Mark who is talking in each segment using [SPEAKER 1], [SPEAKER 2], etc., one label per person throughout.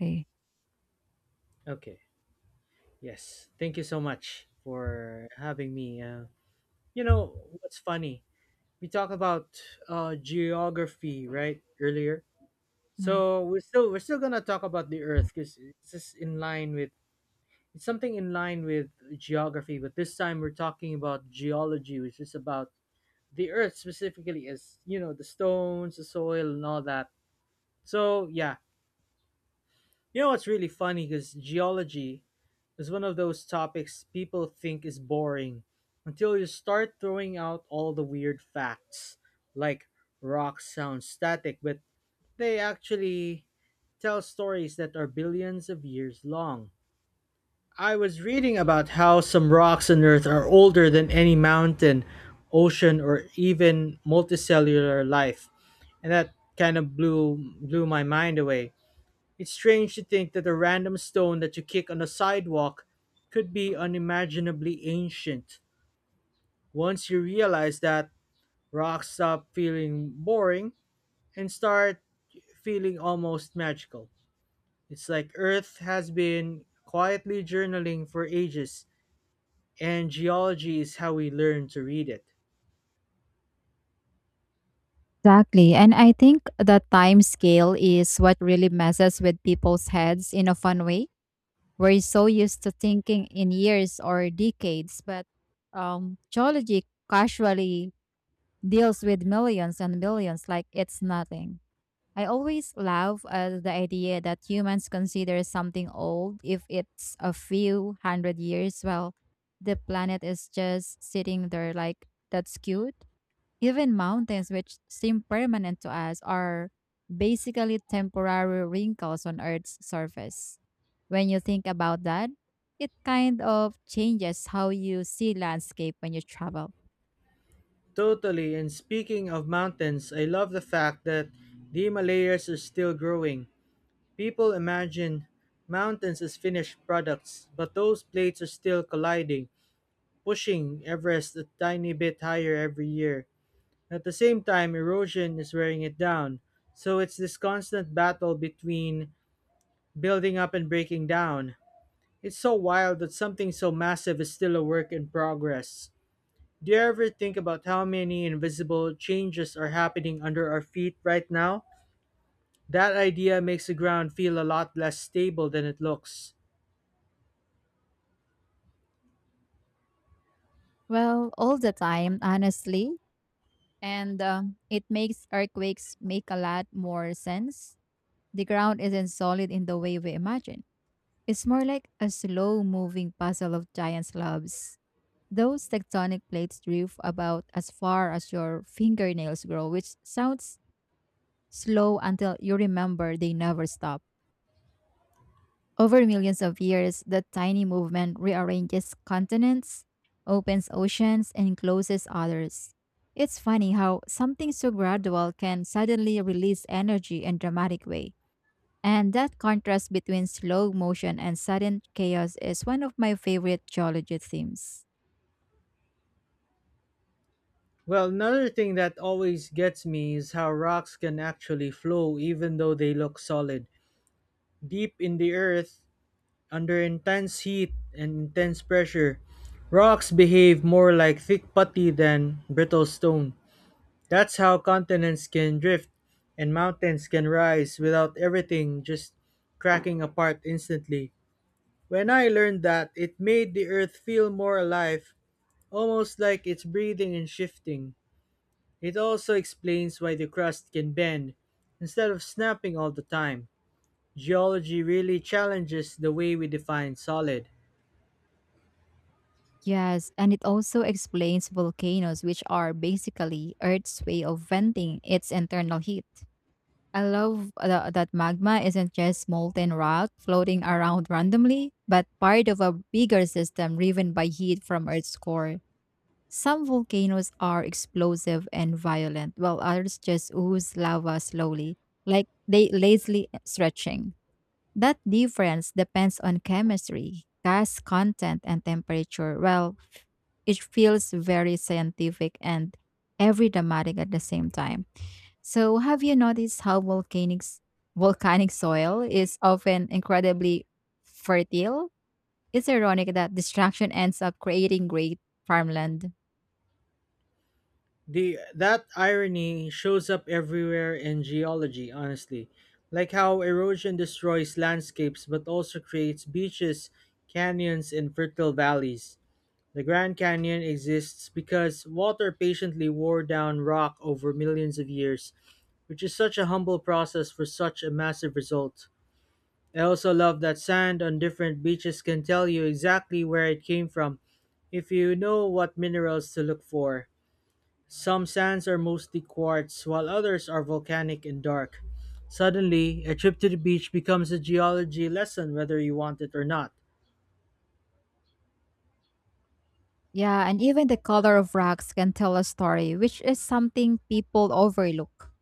[SPEAKER 1] Okay.
[SPEAKER 2] Okay. Yes. Thank you so much for having me. You know what's funny? We talked about geography, right? Earlier.
[SPEAKER 1] Mm.
[SPEAKER 2] So we're still gonna talk about the Earth because it's just in line with it's something in line with geography, but this time we're talking about geology, which is about the Earth specifically, as you know, the stones, the soil, and all that. So yeah. You know what's really funny? Because geology is one of those topics people think is boring until you start throwing out all the weird facts. Like rocks sound static, but they actually tell stories that are billions of years long. I was reading about how some rocks on Earth are older than any mountain, ocean, or even multicellular life, and that kind of blew my mind away. It's strange to think that a random stone that you kick on a sidewalk could be unimaginably ancient. Once you realize that, rocks stop feeling boring and start feeling almost magical. It's like Earth has been quietly journaling for ages, and geology is how we learn to read it.
[SPEAKER 1] Exactly. And I think the time scale is what really messes with people's heads in a fun way. We're so used to thinking in years or decades, but geology casually deals with millions and billions like it's nothing. I always laugh at the idea that humans consider something old if it's a few hundred years, while the planet is just sitting there like that's cute. Even mountains, which seem permanent to us, are basically temporary wrinkles on Earth's surface. When you think about that, it kind of changes how you see landscape when you travel.
[SPEAKER 2] Totally, and speaking of mountains, I love the fact that the Himalayas are still growing. People imagine mountains as finished products, but those plates are still colliding, pushing Everest a tiny bit higher every year. At the same time, erosion is wearing it down, so it's this constant battle between building up and breaking down. It's so wild that something so massive is still a work in progress. Do you ever think about how many invisible changes are happening under our feet right now? That idea makes the ground feel a lot less stable than it looks.
[SPEAKER 1] Well, all the time, honestly. And it makes earthquakes make a lot more sense. The ground isn't solid in the way we imagine. It's more like a slow moving puzzle of giant slabs. Those tectonic plates drift about as far as your fingernails grow, which sounds slow until you remember they never stop. Over millions of years, the tiny movement rearranges continents, opens oceans, and closes others. It's funny how something so gradual can suddenly release energy in dramatic way. And that contrast between slow motion and sudden chaos is one of my favorite geology themes.
[SPEAKER 2] Well, another thing that always gets me is how rocks can actually flow even though they look solid. Deep in the earth, under intense heat and intense pressure, rocks behave more like thick putty than brittle stone. That's how continents can drift and mountains can rise without everything just cracking apart instantly. When I learned that, it made the earth feel more alive, almost like it's breathing and shifting. It also explains why the crust can bend instead of snapping all the time. Geology really challenges the way we define solid.
[SPEAKER 1] Yes, and it also explains volcanoes, which are basically Earth's way of venting its internal heat. I love that magma isn't just molten rock floating around randomly, but part of a bigger system driven by heat from Earth's core. Some volcanoes are explosive and violent, while others just ooze lava slowly, like they lazily stretching. That difference depends on chemistry, gas content, and temperature. Well, it feels very scientific and every dramatic at the same time. So, have you noticed how volcanic soil is often incredibly fertile? It's ironic that destruction ends up creating great farmland.
[SPEAKER 2] The that irony shows up everywhere in geology, honestly. Like how erosion destroys landscapes but also creates beaches, canyons, and fertile valleys. The Grand Canyon exists because water patiently wore down rock over millions of years, which is such a humble process for such a massive result. I also love that sand on different beaches can tell you exactly where it came from if you know what minerals to look for. Some sands are mostly quartz, while others are volcanic and dark. Suddenly, a trip to the beach becomes a geology lesson whether you want it or not.
[SPEAKER 1] Yeah, and even the color of rocks can tell a story, which is something people overlook.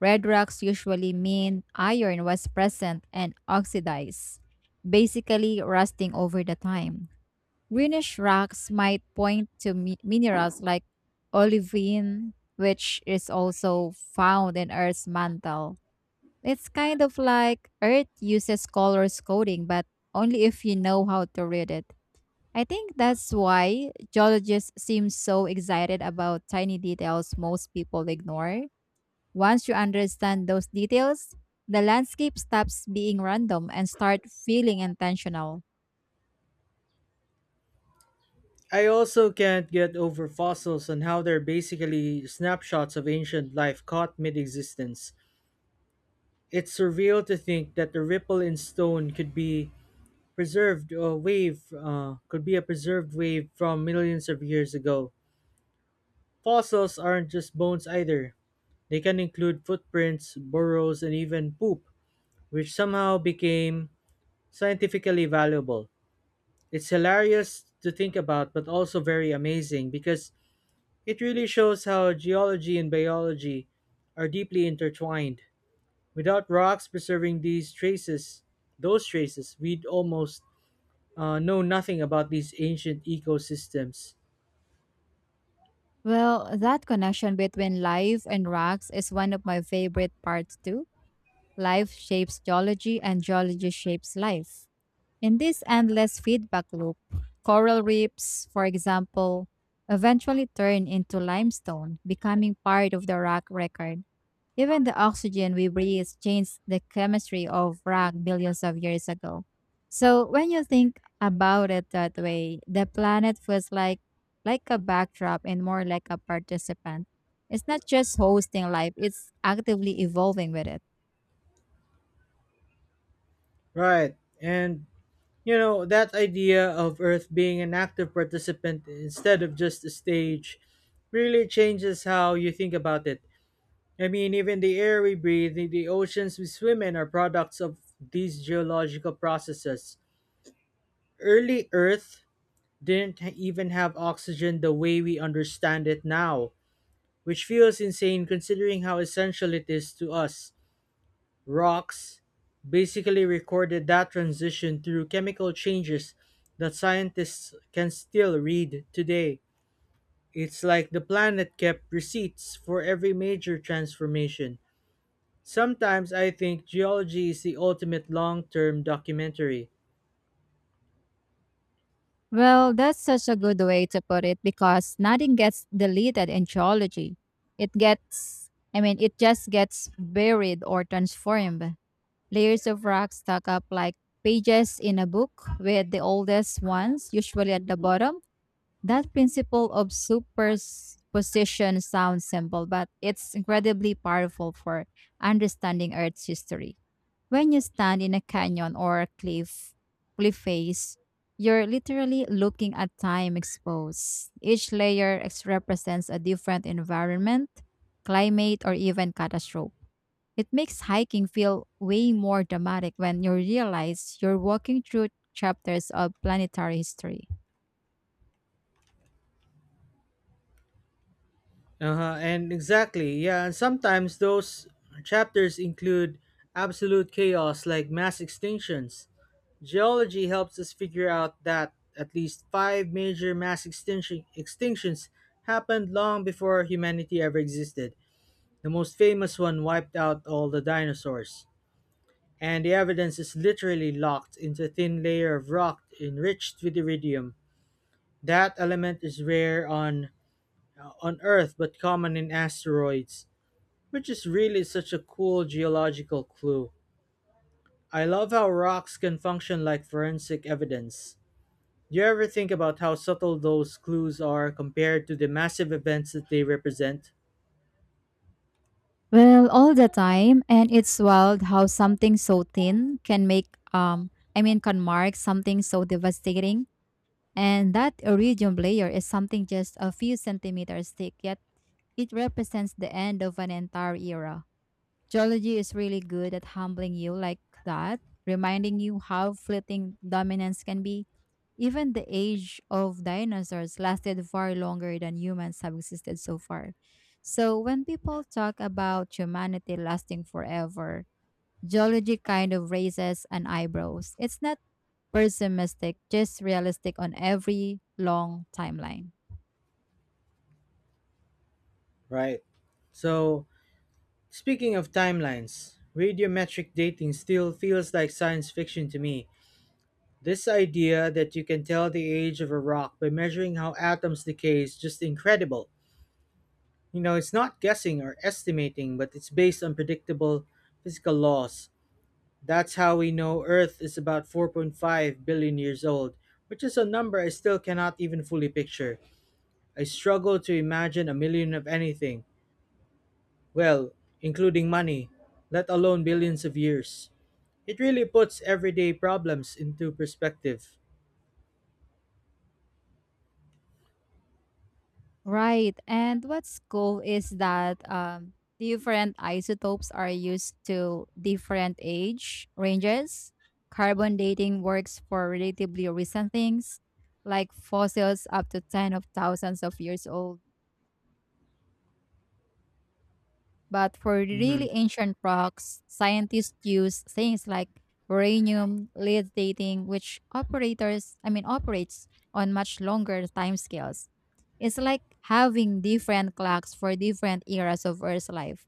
[SPEAKER 1] Red rocks usually mean iron was present and oxidized, basically rusting over the time. Greenish rocks might point to minerals like olivine, which is also found in Earth's mantle. It's kind of like Earth uses colors coding, but only if you know how to read it. I think that's why geologists seem so excited about tiny details most people ignore. Once you understand those details, the landscape stops being random and start feeling intentional.
[SPEAKER 2] I also can't get over fossils and how they're basically snapshots of ancient life caught mid existence. It's surreal to think that the ripple in stone could be preserved wave could be a preserved wave from millions of years ago. Fossils aren't just bones either. They can include footprints, burrows, and even poop, which somehow became scientifically valuable. It's hilarious to think about, but also very amazing because it really shows how geology and biology are deeply intertwined. Without rocks preserving those traces, we'd almost know nothing about these ancient ecosystems.
[SPEAKER 1] Well, that connection between life and rocks is one of my favorite parts too. Life shapes geology and geology shapes life. In this endless feedback loop, coral reefs, for example, eventually turn into limestone, becoming part of the rock record. Even the oxygen we breathe changed the chemistry of rock billions of years ago. So when you think about it that way, the planet feels like a backdrop and more like a participant. It's not just hosting life, it's actively evolving with it.
[SPEAKER 2] Right. And, you know, that idea of Earth being an active participant instead of just a stage really changes how you think about it. I mean, even the air we breathe, the oceans we swim in are products of these geological processes. Early Earth didn't ha- even have oxygen the way we understand it now, which feels insane considering how essential it is to us. Rocks basically recorded that transition through chemical changes that scientists can still read today. It's like the planet kept receipts for every major transformation. Sometimes I think geology is the ultimate long term documentary.
[SPEAKER 1] Well, that's such a good way to put it because nothing gets deleted in geology. It gets, I mean, it just gets buried or transformed. Layers of rock stack up like pages in a book, with the oldest ones usually at the bottom. That principle of superposition sounds simple, but it's incredibly powerful for understanding Earth's history. When you stand in a canyon or a cliff face, you're literally looking at time exposed. Each layer represents a different environment, climate, or even catastrophe. It makes hiking feel way more dramatic when you realize you're walking through chapters of planetary history.
[SPEAKER 2] Uh-huh, and exactly, yeah. And sometimes those chapters include absolute chaos like mass extinctions. Geology helps us figure out that at least five major mass extinctions happened long before humanity ever existed. The most famous one wiped out all the dinosaurs. And the evidence is literally locked into a thin layer of rock enriched with iridium. That element is rare on Earth but common in asteroids, which is really such a cool geological clue. I love how rocks can function like forensic evidence. Do you ever think about how subtle those clues are compared to the massive events that they represent?
[SPEAKER 1] Well, all the time, and it's wild how something so thin can make I mean can mark something so devastating. And that iridium layer is something just a few centimeters thick, yet it represents the end of an entire era. Geology is really good at humbling you like that, reminding you how fleeting dominance can be. Even the age of dinosaurs lasted far longer than humans have existed so far. So, when people talk about humanity lasting forever, geology kind of raises an eyebrows. It's not pessimistic, just realistic on every long timeline.
[SPEAKER 2] Right. So, speaking of timelines, radiometric dating still feels like science fiction to me. This idea that you can tell the age of a rock by measuring how atoms decay is just incredible. You know, it's not guessing or estimating, but it's based on predictable physical laws. That's how we know Earth is about 4.5 billion years old, which is a number I still cannot even fully picture. I struggle to imagine a million of anything, well, including money, let alone billions of years. It really puts everyday problems into perspective.
[SPEAKER 1] Right. And what's cool is that different isotopes are used to different age ranges. Carbon dating works for relatively recent things, like fossils up to ten of thousands of years old. But for
[SPEAKER 2] Mhm.
[SPEAKER 1] really ancient rocks, scientists use things like uranium lead dating, which I mean, operates on much longer timescales. It's like having different clocks for different eras of Earth's life.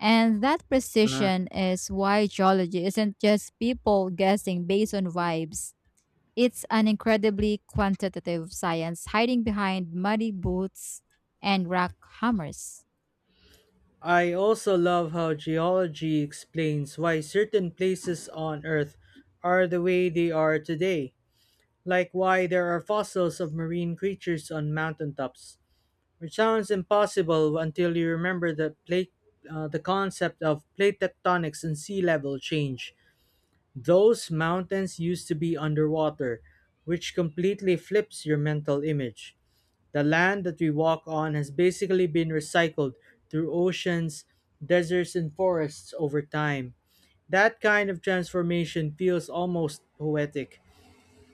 [SPEAKER 1] And that
[SPEAKER 2] Uh-huh.
[SPEAKER 1] precision is why geology isn't just people guessing based on vibes. It's an incredibly quantitative science hiding behind muddy boots and rock hammers.
[SPEAKER 2] I also love how geology explains why certain places on Earth are the way they are today, like why there are fossils of marine creatures on mountaintops. Which sounds impossible until you remember the concept of plate tectonics and sea level change. Those mountains used to be underwater, which completely flips your mental image. The land that we walk on has basically been recycled through oceans, deserts, and forests over time. That kind of transformation feels almost poetic,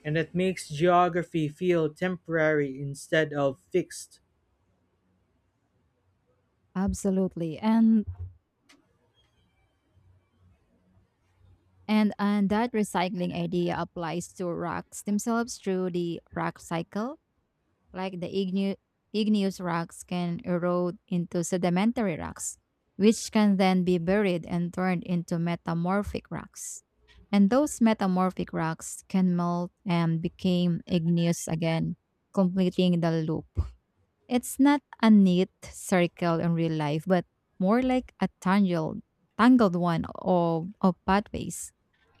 [SPEAKER 2] and it makes geography feel temporary instead of fixed.
[SPEAKER 1] Absolutely. And that recycling idea applies to rocks themselves through the rock cycle. Like the igneous rocks can erode into sedimentary rocks, which can then be buried and turned into metamorphic rocks. And those metamorphic rocks can melt and become igneous again, completing the loop. It's not a neat circle in real life, but more like a tangled one of pathways.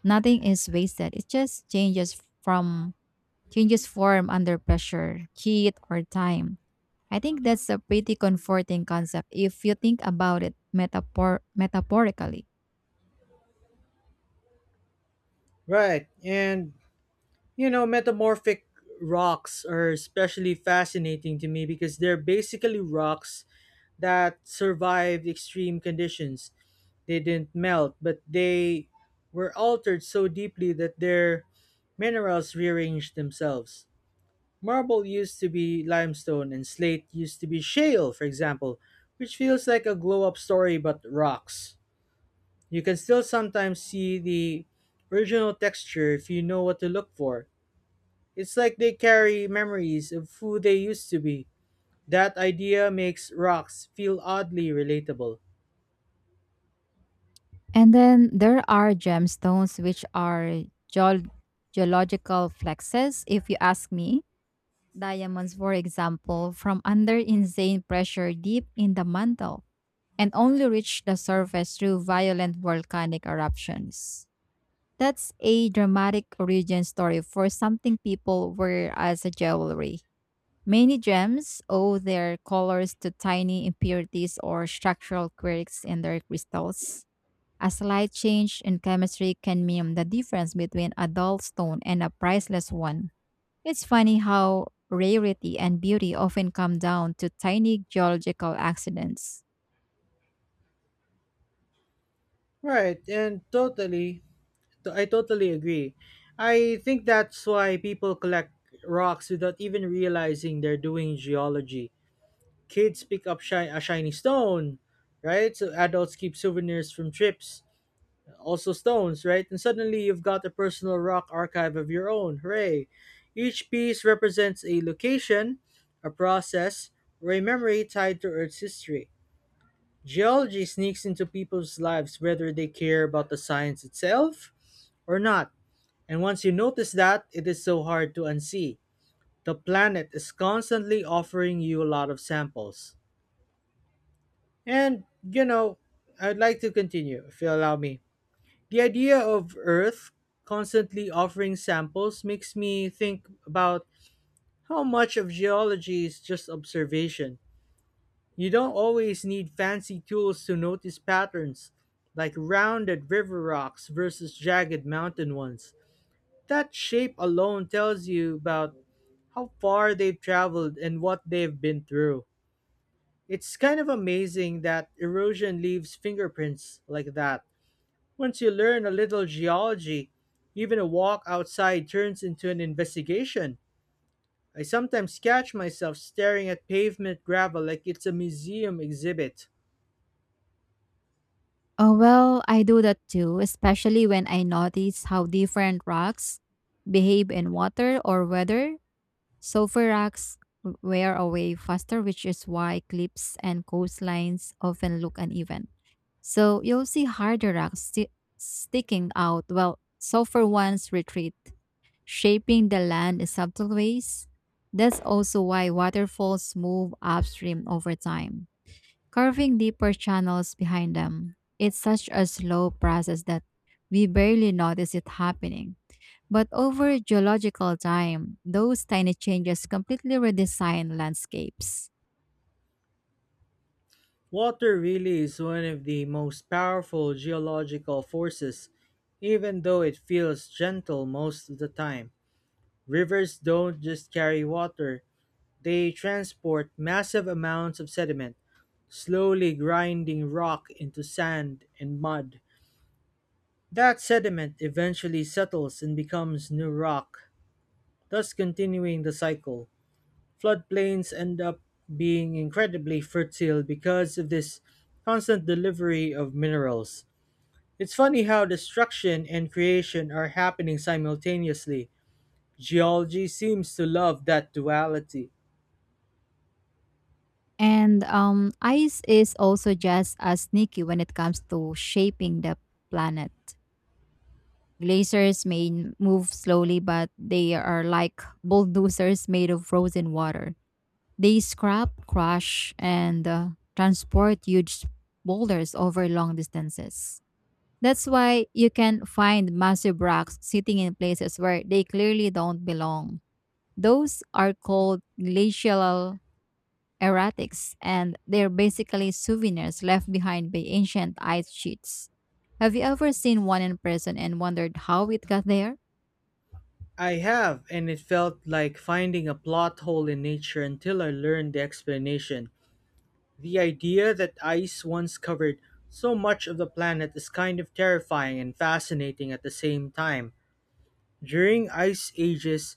[SPEAKER 1] Nothing is wasted. It just changes form under pressure, heat, or time. I think that's a pretty comforting concept if you think about it metaphorically.
[SPEAKER 2] Right, and You know, metamorphic rocks are especially fascinating to me because they're basically rocks that survived extreme conditions. They didn't melt, but they were altered so deeply that their minerals rearranged themselves. Marble used to be limestone and slate used to be shale, for example, which feels like a glow up story but rocks. You can still sometimes see the original texture if you know what to look for. It's like they carry memories of who they used to be. That idea makes rocks feel oddly relatable.
[SPEAKER 1] And then there are gemstones, which are geological flexes, if you ask me. Diamonds, for example, from under insane pressure deep in the mantle and only reach the surface through violent volcanic eruptions. That's a dramatic origin story for something people wear as a jewelry. Many gems owe their colors to tiny impurities or structural quirks in their crystals. A slight change in chemistry can mean the difference between a dull stone and a priceless one. It's funny how rarity and beauty often come down to tiny geological accidents.
[SPEAKER 2] Right, and totally, I totally agree. I think that's why people collect rocks without even realizing they're doing geology. Kids pick up a shiny stone, right? So adults keep souvenirs from trips. Also stones, right? And suddenly you've got a personal rock archive of your own. Hooray! Each piece represents a location, a process, or a memory tied to Earth's history. Geology sneaks into people's lives whether they care about the science itself or not. And once you notice that, it is so hard to unsee. The planet is constantly offering you a lot of samples. And, you know, I'd like to continue, if you allow me. The idea of Earth constantly offering samples makes me think about how much of geology is just observation. You don't always need fancy tools to notice patterns, like rounded river rocks versus jagged mountain ones. That shape alone tells you about how far they've traveled and what they've been through. It's kind of amazing that erosion leaves fingerprints like that. Once you learn a little geology, even a walk outside turns into an investigation. I sometimes catch myself staring at pavement gravel like it's a museum exhibit.
[SPEAKER 1] Oh, well, I do that too, especially when I notice how different rocks behave in water or weather. Sulfur rocks wear away faster, which is why cliffs and coastlines often look uneven. So you'll see harder rocks sticking out, while sulfur ones retreat, shaping the land in subtle ways. That's also why waterfalls move upstream over time carving deeper channels behind them. It's such a slow process that we barely notice it happening. But over geological time, those tiny changes completely redesign landscapes.
[SPEAKER 2] Water really is one of the most powerful geological forces, even though it feels gentle most of the time. Rivers don't just carry water, they transport massive amounts of sediment, slowly grinding rock into sand and mud. That sediment eventually settles and becomes new rock, thus continuing the cycle. Floodplains end up being incredibly fertile because of this constant delivery of minerals. It's funny how destruction and creation are happening simultaneously. Geology seems to love that duality.
[SPEAKER 1] And ice is also just as sneaky when it comes to shaping the planet. Glaciers move slowly, but they are like bulldozers made of frozen water. They scrap, crush, and transport huge boulders over long distances. That's why you can find massive rocks sitting in places where they clearly don't belong. Those are called glacial erratics, and they're basically souvenirs left behind by ancient ice sheets. Have you ever seen one in person and wondered how it got there?
[SPEAKER 2] I have, and it felt like finding a plot hole in nature until I learned the explanation. The idea that ice once covered so much of the planet is kind of terrifying and fascinating at the same time. During ice ages,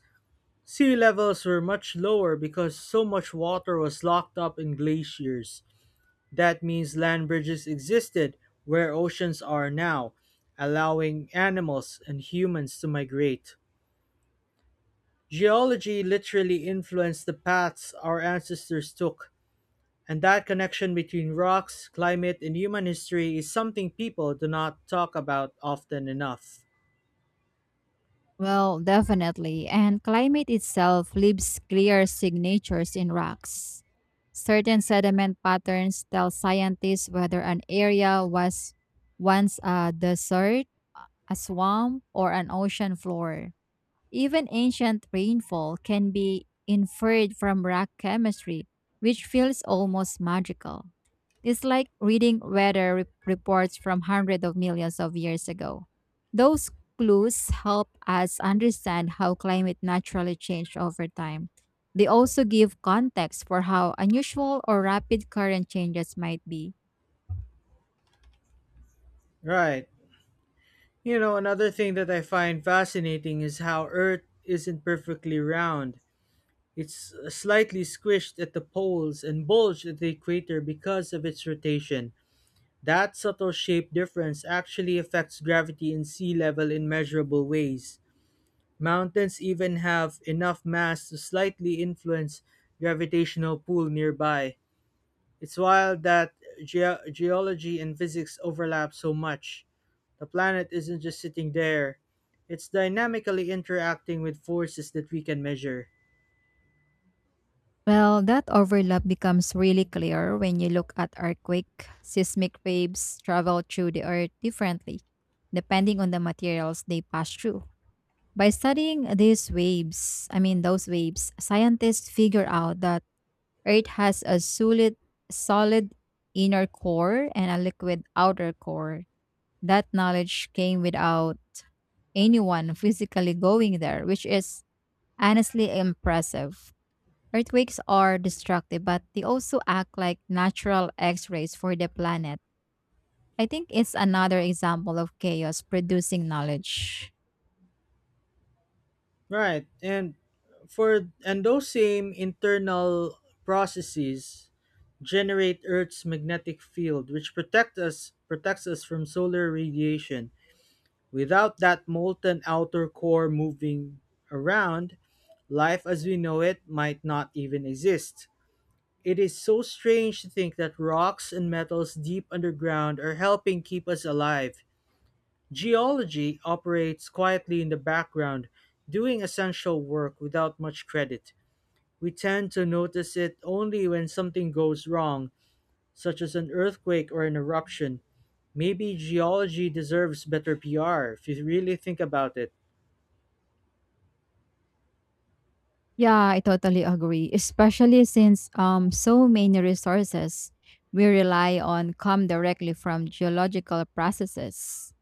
[SPEAKER 2] sea levels were much lower because so much water was locked up in glaciers. That means land bridges existed where oceans are now, allowing animals and humans to migrate. Geology literally influenced the paths our ancestors took. And that connection between rocks, climate, and human history is something people do not talk about often enough.
[SPEAKER 1] Well, definitely. And climate itself leaves clear signatures in rocks. Certain sediment patterns tell scientists whether an area was once a desert, a swamp, or an ocean floor. Even ancient rainfall can be inferred from rock chemistry, which feels almost magical. It's like reading weather reports from hundreds of millions of years ago. Those clues help us understand how climate naturally changed over time. They also give context for how unusual or rapid current changes might be.
[SPEAKER 2] Right. You know, another thing that I find fascinating is how Earth isn't perfectly round. It's slightly squished at the poles and bulged at the equator because of its rotation. That subtle shape difference actually affects gravity and sea level in measurable ways. Mountains even have enough mass to slightly influence gravitational pull nearby. It's wild that ge- geology and physics overlap so much. The planet isn't just sitting there, it's dynamically interacting with forces that we can measure.
[SPEAKER 1] Well, that overlap becomes really clear when you look at earthquake, seismic waves travel through the earth differently, depending on the materials they pass through. By studying I mean those waves, scientists figure out that Earth has a solid inner core and a liquid outer core. That knowledge came without anyone physically going there, which is honestly impressive. Earthquakes are destructive, but they also act like natural x-rays for the planet. I think it's another example of chaos producing knowledge.
[SPEAKER 2] Right. And those same internal processes generate Earth's magnetic field, which protects us from solar radiation. Without that molten outer core moving around, life as we know it might not even exist. It is so strange to think that rocks and metals deep underground are helping keep us alive. Geology operates quietly in the background, doing essential work without much credit. We tend to notice it only when something goes wrong, such as an earthquake or an eruption. Maybe geology deserves better PR if you really think about it.
[SPEAKER 1] Yeah, I totally agree. Especially since so many resources we rely on come directly from geological processes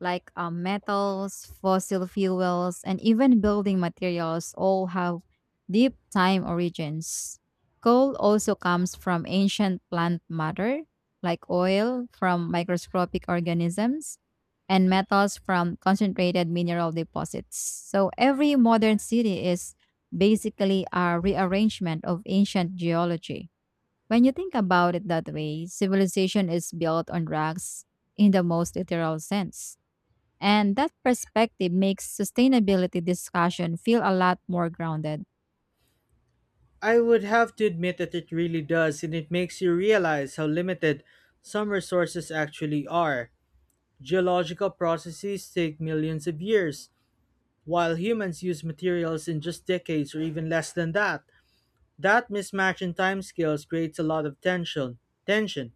[SPEAKER 1] like metals, fossil fuels, and even building materials all have deep time origins. Coal also comes from ancient plant matter like oil from microscopic organisms and metals from concentrated mineral deposits. So every modern city is basically a rearrangement of ancient geology. When you think about it that way, civilization is built on rocks in the most literal sense. And that perspective makes sustainability discussion feel a lot more grounded.
[SPEAKER 2] I would have to admit that it really does, and it makes you realize how limited some resources actually are. Geological processes take millions of years, while humans use materials in just decades or even less than that. That mismatch in timescales creates a lot of tension. Tension.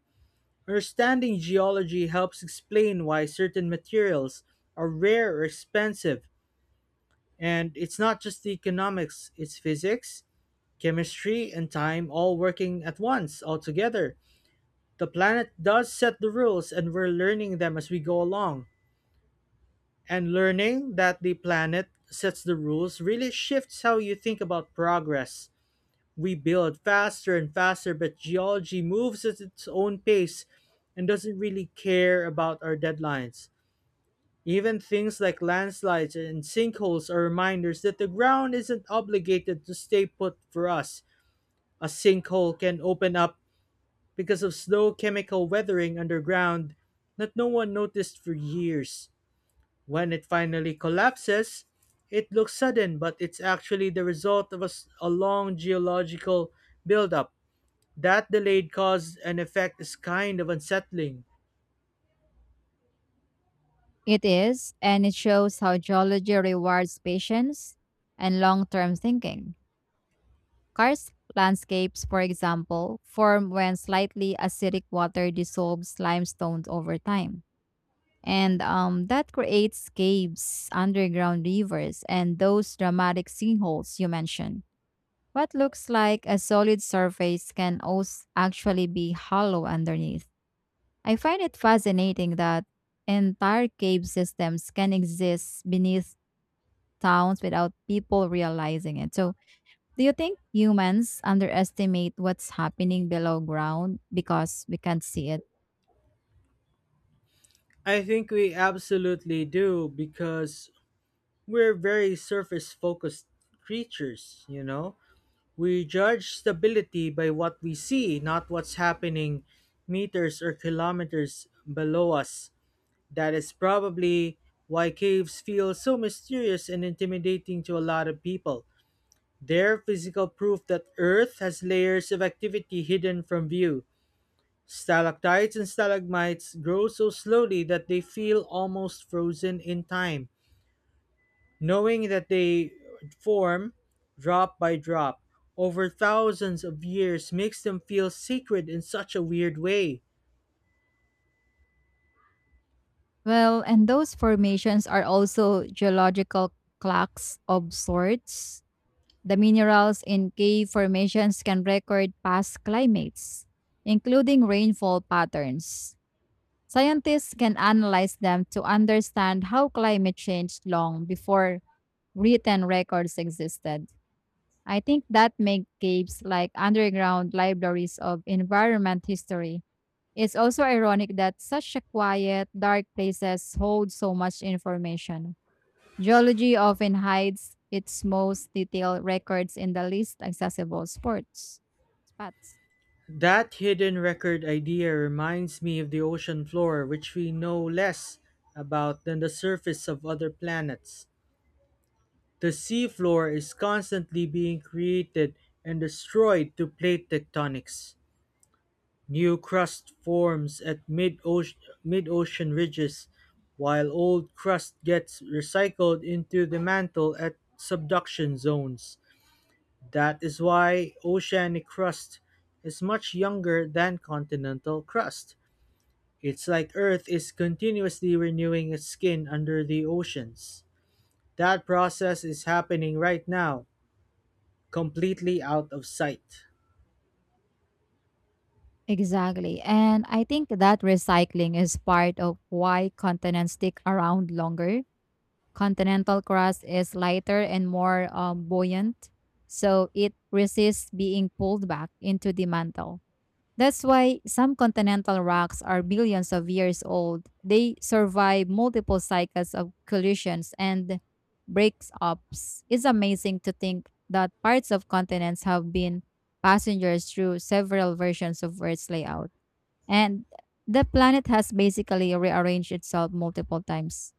[SPEAKER 2] Understanding geology helps explain why certain materials are rare or expensive, and it's not just the economics, it's physics, chemistry, and time all working at once, all together. The planet does set the rules, and we're learning them as we go along. And learning that the planet sets the rules really shifts how you think about progress. We build faster and faster, but geology moves at its own pace and doesn't really care about our deadlines. Even things like landslides and sinkholes are reminders that the ground isn't obligated to stay put for us. A sinkhole can open up because of slow chemical weathering underground that no one noticed for years. When it finally collapses, it looks sudden, but it's actually the result of a long geological buildup. That delayed cause and effect is kind of unsettling.
[SPEAKER 1] It is, and it shows how geology rewards patience and long term thinking. Karst landscapes, for example, form when slightly acidic water dissolves limestone over time and that creates caves, underground rivers, and those dramatic sinkholes you mentioned. What looks like a solid surface can also actually be hollow underneath. I find it fascinating that entire cave systems can exist beneath towns without people realizing it. So, do you think humans underestimate what's happening below ground because we can't see it?
[SPEAKER 2] I think we absolutely do because we're very surface focused creatures, you know? We judge stability by what we see, not what's happening meters or kilometers below us. That is probably why caves feel so mysterious and intimidating to a lot of people. They're physical proof that Earth has layers of activity hidden from view. Stalactites and stalagmites grow so slowly that they feel almost frozen in time, knowing that they form drop by drop over thousands of years makes them feel sacred in such a weird way.
[SPEAKER 1] Well, and those formations are also geological clocks of sorts. The minerals in cave formations can record past climates, including rainfall patterns. Scientists can analyze them to understand how climate changed long before written records existed. I think that makes caves like underground libraries of environment history. It's also ironic that such a quiet, dark places hold so much information. Geology often hides its most detailed records in the least accessible sports spots.
[SPEAKER 2] That hidden record idea reminds me of the ocean floor, which we know less about than the surface of other planets. The seafloor is constantly being created and destroyed to plate tectonics. New crust forms at mid-ocean ridges, while old crust gets recycled into the mantle at subduction zones. That is why oceanic crust is much younger than continental crust. It's like Earth is continuously renewing its skin under the oceans. That process is happening right now, completely out of sight.
[SPEAKER 1] Exactly. And I think that recycling is part of why continents stick around longer. Continental crust is lighter and more buoyant, so it resists being pulled back into the mantle. That's why some continental rocks are billions of years old. They survive multiple cycles of collisions and breaks ups. It's amazing to think that parts of continents have been passengers through several versions of Earth's layout. And the planet has basically rearranged itself multiple times.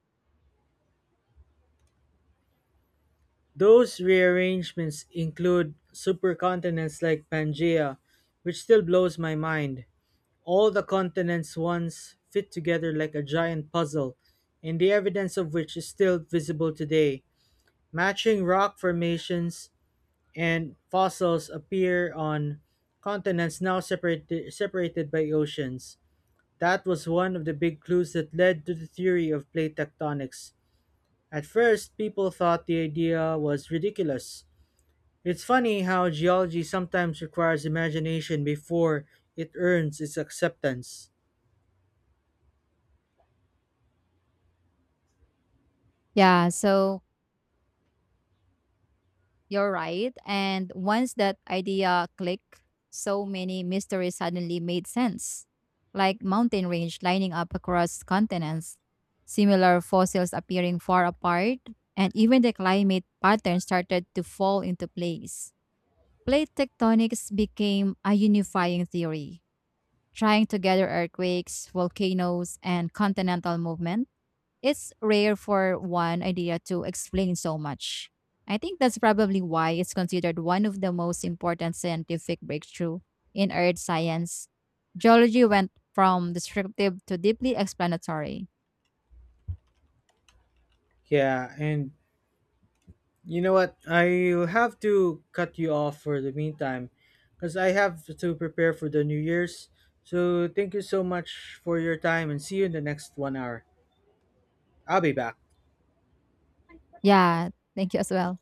[SPEAKER 2] Those rearrangements include supercontinents like Pangea, which still blows my mind. All the continents once fit together like a giant puzzle, and the evidence of which is still visible today, matching rock formations and fossils appear on continents now separated by oceans. That was one of the big clues that led to the theory of plate tectonics. At first, people thought the idea was ridiculous. It's funny how geology sometimes requires imagination before it earns its acceptance.
[SPEAKER 1] Yeah, so you're right. And once that idea clicked, so many mysteries suddenly made sense, like mountain range lining up across continents, similar fossils appearing far apart, and even the climate pattern started to fall into place. Plate tectonics became a unifying theory, trying to gather earthquakes, volcanoes, and continental movement. It's rare for one idea to explain so much. I think that's probably why it's considered one of the most important scientific breakthrough in earth science. Geology went from descriptive to deeply explanatory.
[SPEAKER 2] Yeah, and you know what? I have to cut you off for the meantime because I have to prepare for the New Year's. So thank you so much for your time and see you in the next 1 hour. I'll be back.
[SPEAKER 1] Yeah, thank you as well.